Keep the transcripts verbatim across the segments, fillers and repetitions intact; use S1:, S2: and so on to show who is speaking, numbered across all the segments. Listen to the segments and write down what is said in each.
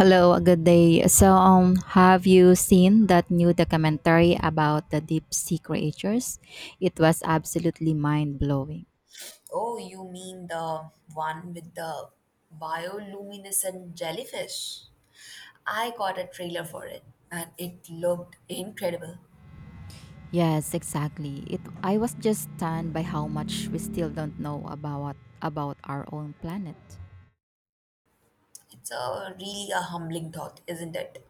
S1: Hello, a good day. So, um, have you seen that new documentary about the deep sea creatures? It was absolutely mind blowing.
S2: Oh, you mean the one with the bioluminescent jellyfish? I got a trailer for it and it looked incredible.
S1: Yes, exactly. It. I was just stunned by how much we still don't know about about our own planet.
S2: It's a really a humbling thought, isn't it?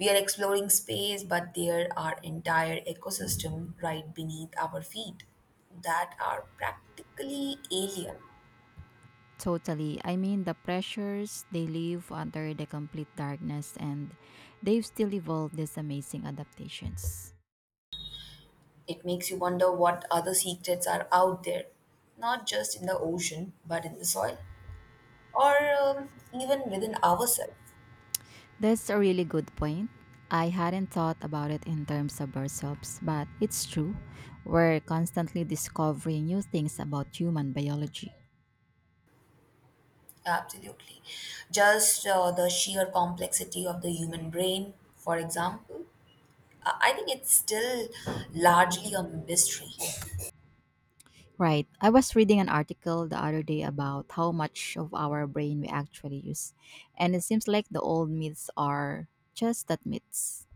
S2: We are exploring space, but there are entire ecosystem right beneath our feet that are practically alien.
S1: Totally. I mean, the pressures they live under the complete darkness, and they've still evolved these amazing adaptations.
S2: It makes you wonder what other secrets are out there, not just in the ocean, but in the soil or um, even within ourselves.
S1: That's a really good point. I hadn't thought about it in terms of ourselves, but it's true. We're constantly discovering new things about human biology.
S2: Absolutely. Just uh, the sheer complexity of the human brain, for example, I I think it's still largely a mystery.
S1: Right. I was reading an article the other day about how much of our brain we actually use, and it seems like the old myths are just that, myths.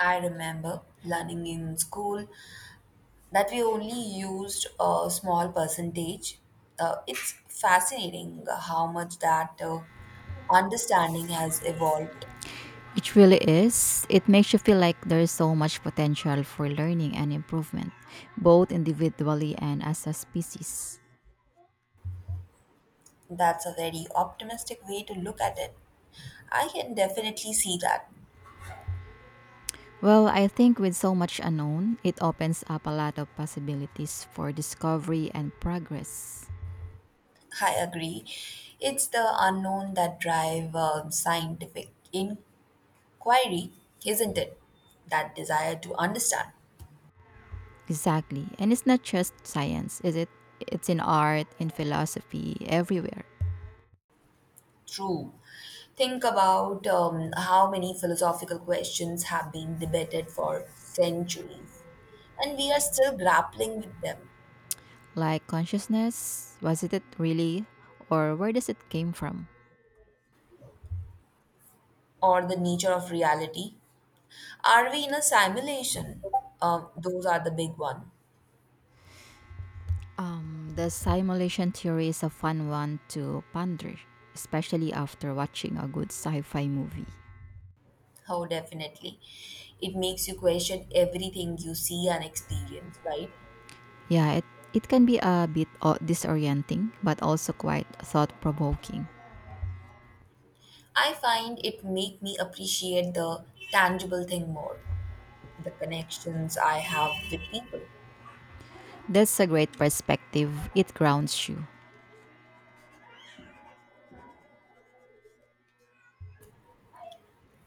S2: I remember learning in school that we only used a small percentage. Uh, it's fascinating how much that uh, understanding has evolved.
S1: It really is. It makes you feel like there's so much potential for learning and improvement, both individually and as a species.
S2: That's a very optimistic way to look at it. I can definitely see that.
S1: Well, I think with so much unknown, it opens up a lot of possibilities for discovery and progress.
S2: I agree. It's the unknown that drive um, scientific inquiry, isn't it? That desire to understand.
S1: Exactly. And it's not just science, is it? It's in art, in philosophy, everywhere.
S2: True. Think about um, how many philosophical questions have been debated for centuries, and we are still grappling with them,
S1: Like consciousness, was it it really? Or where does it came from?
S2: or the nature of reality. Are we in a simulation? Um, those are the big one.
S1: Um, the simulation theory is a fun one to ponder, especially after watching a good sci-fi movie.
S2: Oh, definitely. It makes you question everything you see and experience, right?
S1: Yeah, it, it can be a bit o- disorienting, but also quite thought-provoking.
S2: I find it make me appreciate the tangible thing more, the connections I have with people.
S1: That's a great perspective. It grounds you.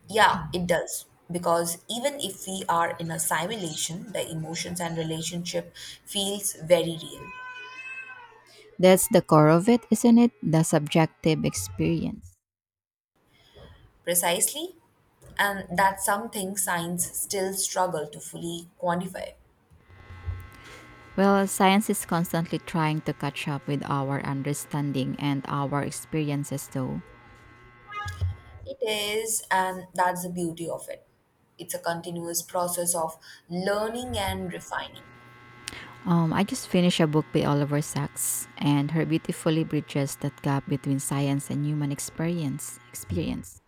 S2: Yeah, it does. Because even if we are in a simulation, the emotions and relationship feels very real.
S1: That's the core of it, isn't it? The subjective experience.
S2: Precisely. And that's something science still struggle to fully quantify.
S1: Well, science is constantly trying to catch up with our understanding and our experiences, though.
S2: It is, and that's the beauty of it. It's a continuous process of learning and refining.
S1: Um, I just finished a book by Oliver Sacks, and her beautifully bridges that gap between science and human experience. Experience.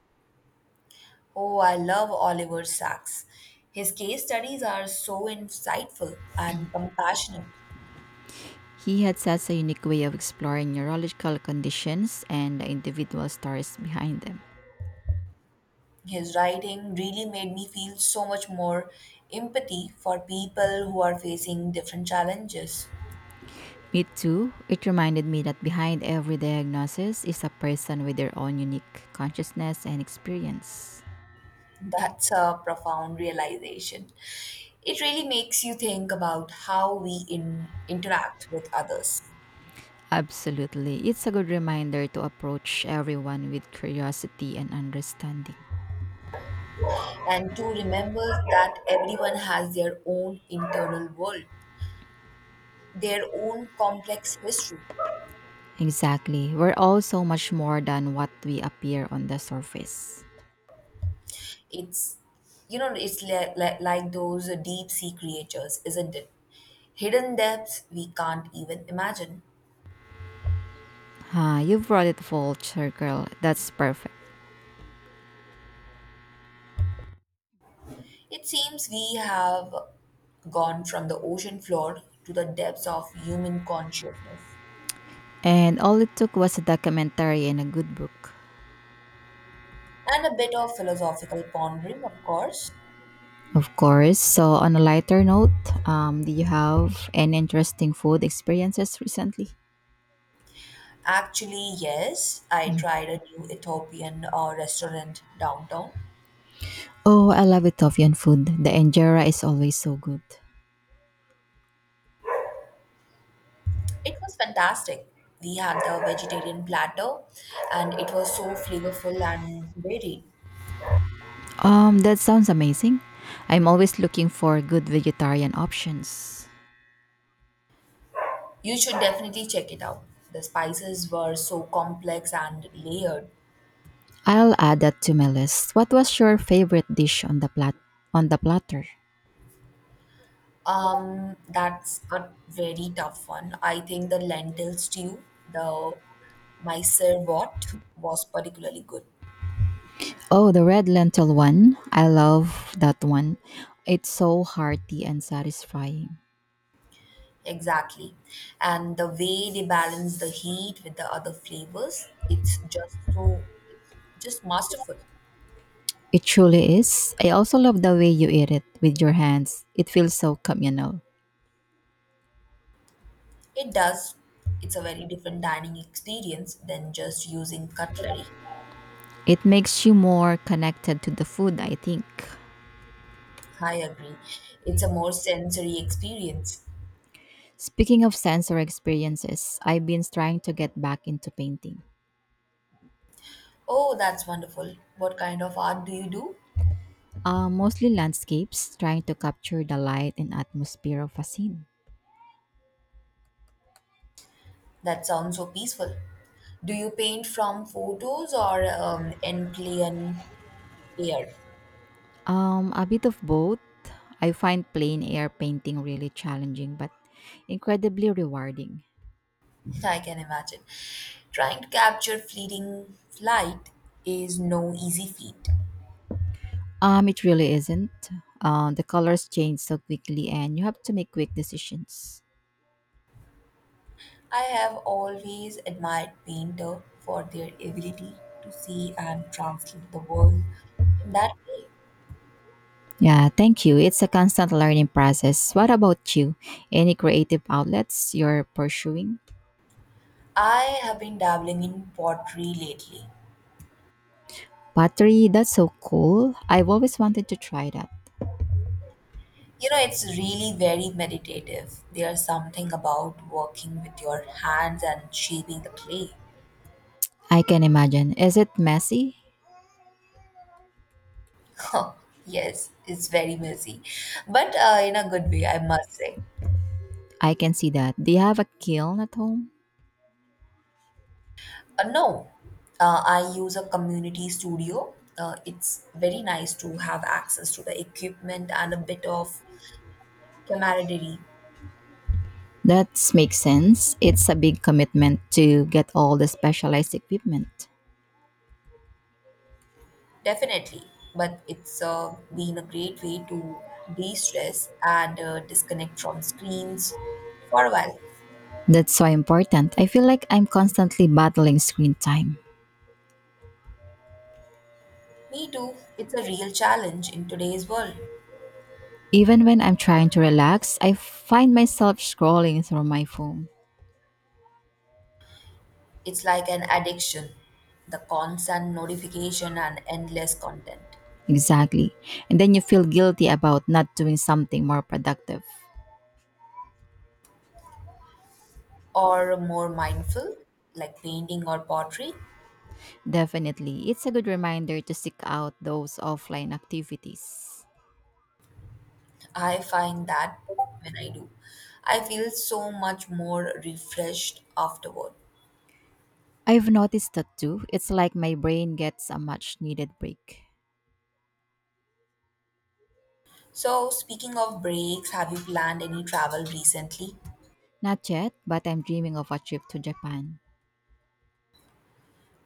S2: Oh, I love Oliver Sacks. His case studies are so insightful and compassionate.
S1: He had such a unique way of exploring neurological conditions and the individual stories behind them.
S2: His writing really made me feel so much more empathy for people who are facing different challenges.
S1: Me too. It reminded me that behind every diagnosis is a person with their own unique consciousness and experience.
S2: That's a profound realization. It really makes you think about how we in, interact with others
S1: Absolutely. It's a good reminder to approach everyone with curiosity and understanding.
S2: and to remember that everyone has their own internal world, their own complex history.
S1: Exactly. We're all so much more than what we appear on the surface.
S2: It's, you know, it's like, like, like those deep sea creatures, isn't it? Hidden depths we can't even imagine.
S1: Ha, you brought it full circle. That's perfect.
S2: It seems we have gone from the ocean floor to the depths of human consciousness.
S1: And all it took was a documentary and a good book.
S2: And a bit of philosophical pondering, of course.
S1: Of course. So, on a lighter note, um, do you have any interesting food experiences recently?
S2: Actually, yes, I tried a new Ethiopian uh, restaurant downtown.
S1: Oh, I love Ethiopian food. The injera is always so good.
S2: It was fantastic. We had the vegetarian platter, and it was so flavorful and varied.
S1: Um, that sounds amazing. I'm always looking for good vegetarian options.
S2: You should definitely check it out. The spices were so complex and layered.
S1: I'll add that to my list. What was your favorite dish on the plat on the platter?
S2: Um, that's a very tough one. I think the lentil stew, the Mysore wort, was particularly good.
S1: Oh, the red lentil one. I love that one. It's so hearty and satisfying.
S2: Exactly. And the way they balance the heat with the other flavors, it's just so, it's just masterful.
S1: It truly is. I also love the way you eat it with your hands. It feels so communal.
S2: It does, it's a very different dining experience than just using cutlery.
S1: It makes you more connected to the food, I think.
S2: I agree. It's a more sensory experience.
S1: Speaking of sensory experiences, I've been trying to get back into painting.
S2: Oh, that's wonderful. What kind of art do you do?
S1: Uh, mostly landscapes, trying to capture the light and atmosphere of a scene.
S2: That sounds so peaceful. Do you paint from photos or um, in plain air?
S1: Um, a bit of both. I find plain air painting really challenging but incredibly rewarding.
S2: I can imagine. Trying to capture fleeting light is no easy feat.
S1: Um, it really isn't. Uh, the colors change so quickly and you have to make quick decisions.
S2: I have always admired painter for their ability to see and translate the world in that way.
S1: Yeah, thank you. It's a constant learning process. What about you? Any creative outlets you're pursuing?
S2: I have been dabbling in pottery lately.
S1: Pottery, that's so cool. I've always wanted to try that.
S2: You know, it's really very meditative. There's something about working with your hands and shaping the clay.
S1: I can imagine. Is it messy?
S2: Yes, it's very messy, but uh, in a good way, I must say.
S1: I can see that. Do you have a kiln at home?
S2: Uh, no, uh, I use a community studio. Uh, it's very nice to have access to the equipment and a bit of camaraderie,
S1: That makes sense. It's a big commitment to get all the specialized equipment.
S2: definitely. But it's uh, been a great way to de stress and uh, disconnect from screens for a while.
S1: That's so important. I feel like I'm constantly battling screen time.
S2: Me too. It's a real challenge in today's world.
S1: Even when I'm trying to relax, I find myself scrolling through my phone.
S2: It's like an addiction, the constant notification and endless content.
S1: Exactly. And then you feel guilty about not doing something more productive.
S2: Or more mindful, like painting or pottery.
S1: Definitely. It's a good reminder to seek out those offline activities.
S2: I find that when I do, I feel so much more refreshed afterward.
S1: I've noticed that too. It's like my brain gets a much needed break.
S2: So, speaking of breaks, have you planned any travel recently?
S1: Not yet, but I'm dreaming of a trip to Japan.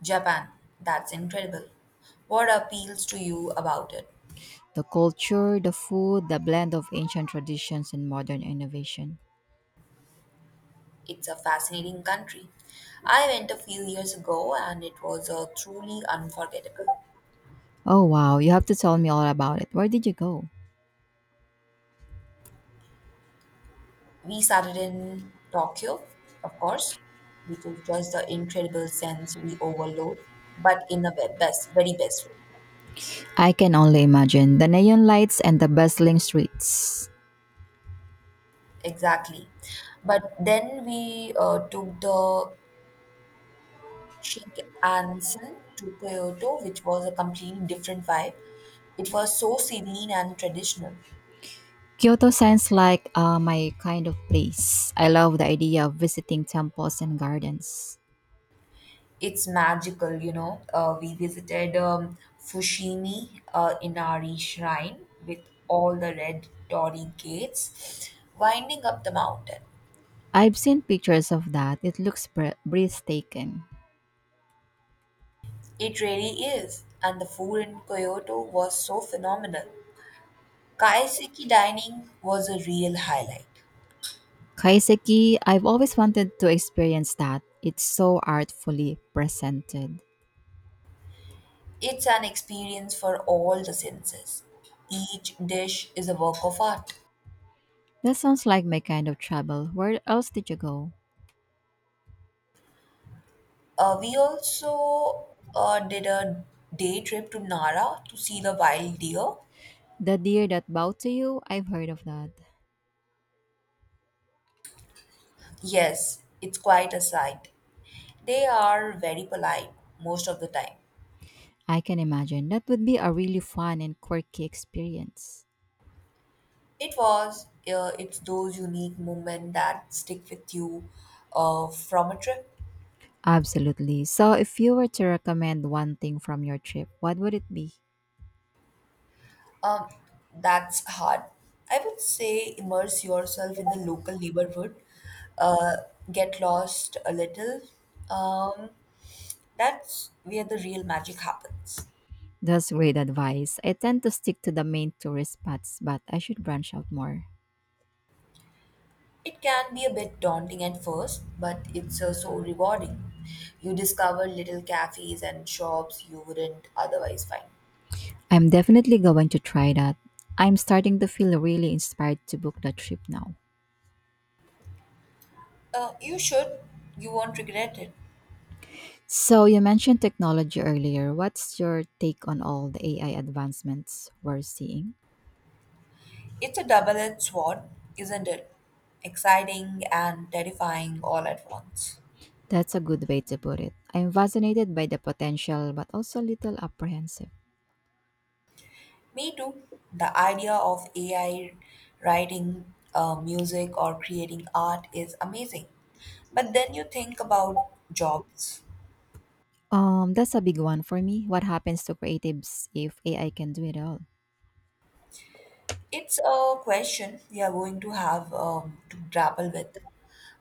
S2: Japan. That's incredible. What appeals to you about it?
S1: The culture, the food, the blend of ancient traditions and modern innovation.
S2: It's a fascinating country. I went a few years ago and it was uh, truly unforgettable.
S1: Oh wow, you have to tell me all about it. Where did you go?
S2: We started in Tokyo, of course, which is just the incredible sensory overload, but in the ve- best, very best way.
S1: I can only imagine the neon lights and the bustling streets.
S2: Exactly. But then we uh, took the Shinkansen to Kyoto, which was a completely different vibe. It was so serene and traditional.
S1: Kyoto sounds like uh, my kind of place. I love the idea of visiting temples and gardens.
S2: It's magical, you know. Uh, we visited um, Fushimi uh, Inari Shrine with all the red torii gates winding up the mountain.
S1: I've seen pictures of that. It looks bre- breathtaking.
S2: It really is. And the food in Kyoto was so phenomenal. Kaiseki dining was a real highlight.
S1: Kaiseki, I've always wanted to experience that. It's so artfully presented.
S2: It's an experience for all the senses. Each dish is a work of art.
S1: That sounds like my kind of travel. Where else did you go?
S2: Uh, we also uh, did a day trip to Nara to see the wild deer.
S1: The deer that bowed to you? I've heard of that.
S2: Yes, it's quite a sight. They are very polite most of the time.
S1: I can imagine. That would be a really fun and quirky experience.
S2: It was, uh, it's those unique moments that stick with you uh, from a trip.
S1: Absolutely. So, if you were to recommend one thing from your trip, what would it be?
S2: Um, that's hard. I would say immerse yourself in the local neighborhood, uh, get lost a little. Um, that's where the real magic happens.
S1: That's great advice. I tend to stick to the main tourist spots, but I should branch out more.
S2: It can be a bit daunting at first, but it's uh, so rewarding. You discover little cafes and shops you wouldn't otherwise find.
S1: I'm definitely going to try that. I'm starting to feel really inspired to book the trip now.
S2: Uh, you should. You won't regret it.
S1: So, you mentioned technology earlier. What's your take on all the A I advancements we're seeing?
S2: It's a double edged sword, isn't it? Exciting and terrifying all at once.
S1: That's a good way to put it. I'm fascinated by the potential, but also a little apprehensive.
S2: Me too. The idea of A I writing uh, music or creating art is amazing. But then you think about jobs.
S1: Um, that's a big one for me. What happens to creatives if A I can do it all?
S2: It's a question we are going to have um, to grapple with,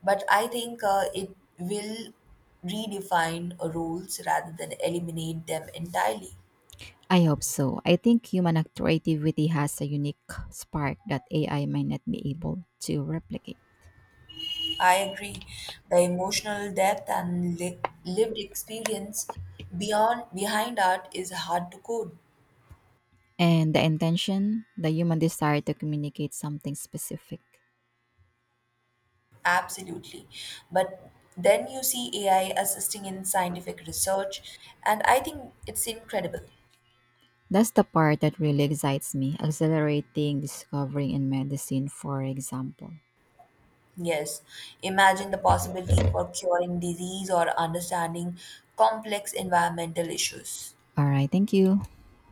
S2: but I think uh, it will redefine rules rather than eliminate them entirely.
S1: I hope so. I think human creativity has a unique spark that A I might not be able to replicate.
S2: I agree. The emotional depth and li- lived experience beyond behind art is hard to code.
S1: And the intention, the human desire to communicate something specific.
S2: Absolutely. But then you see A I assisting in scientific research, and I think it's incredible.
S1: That's the part that really excites me, accelerating discovering in medicine, for example.
S2: Yes, imagine the possibilities for curing disease or understanding complex environmental issues.
S1: All right, thank you.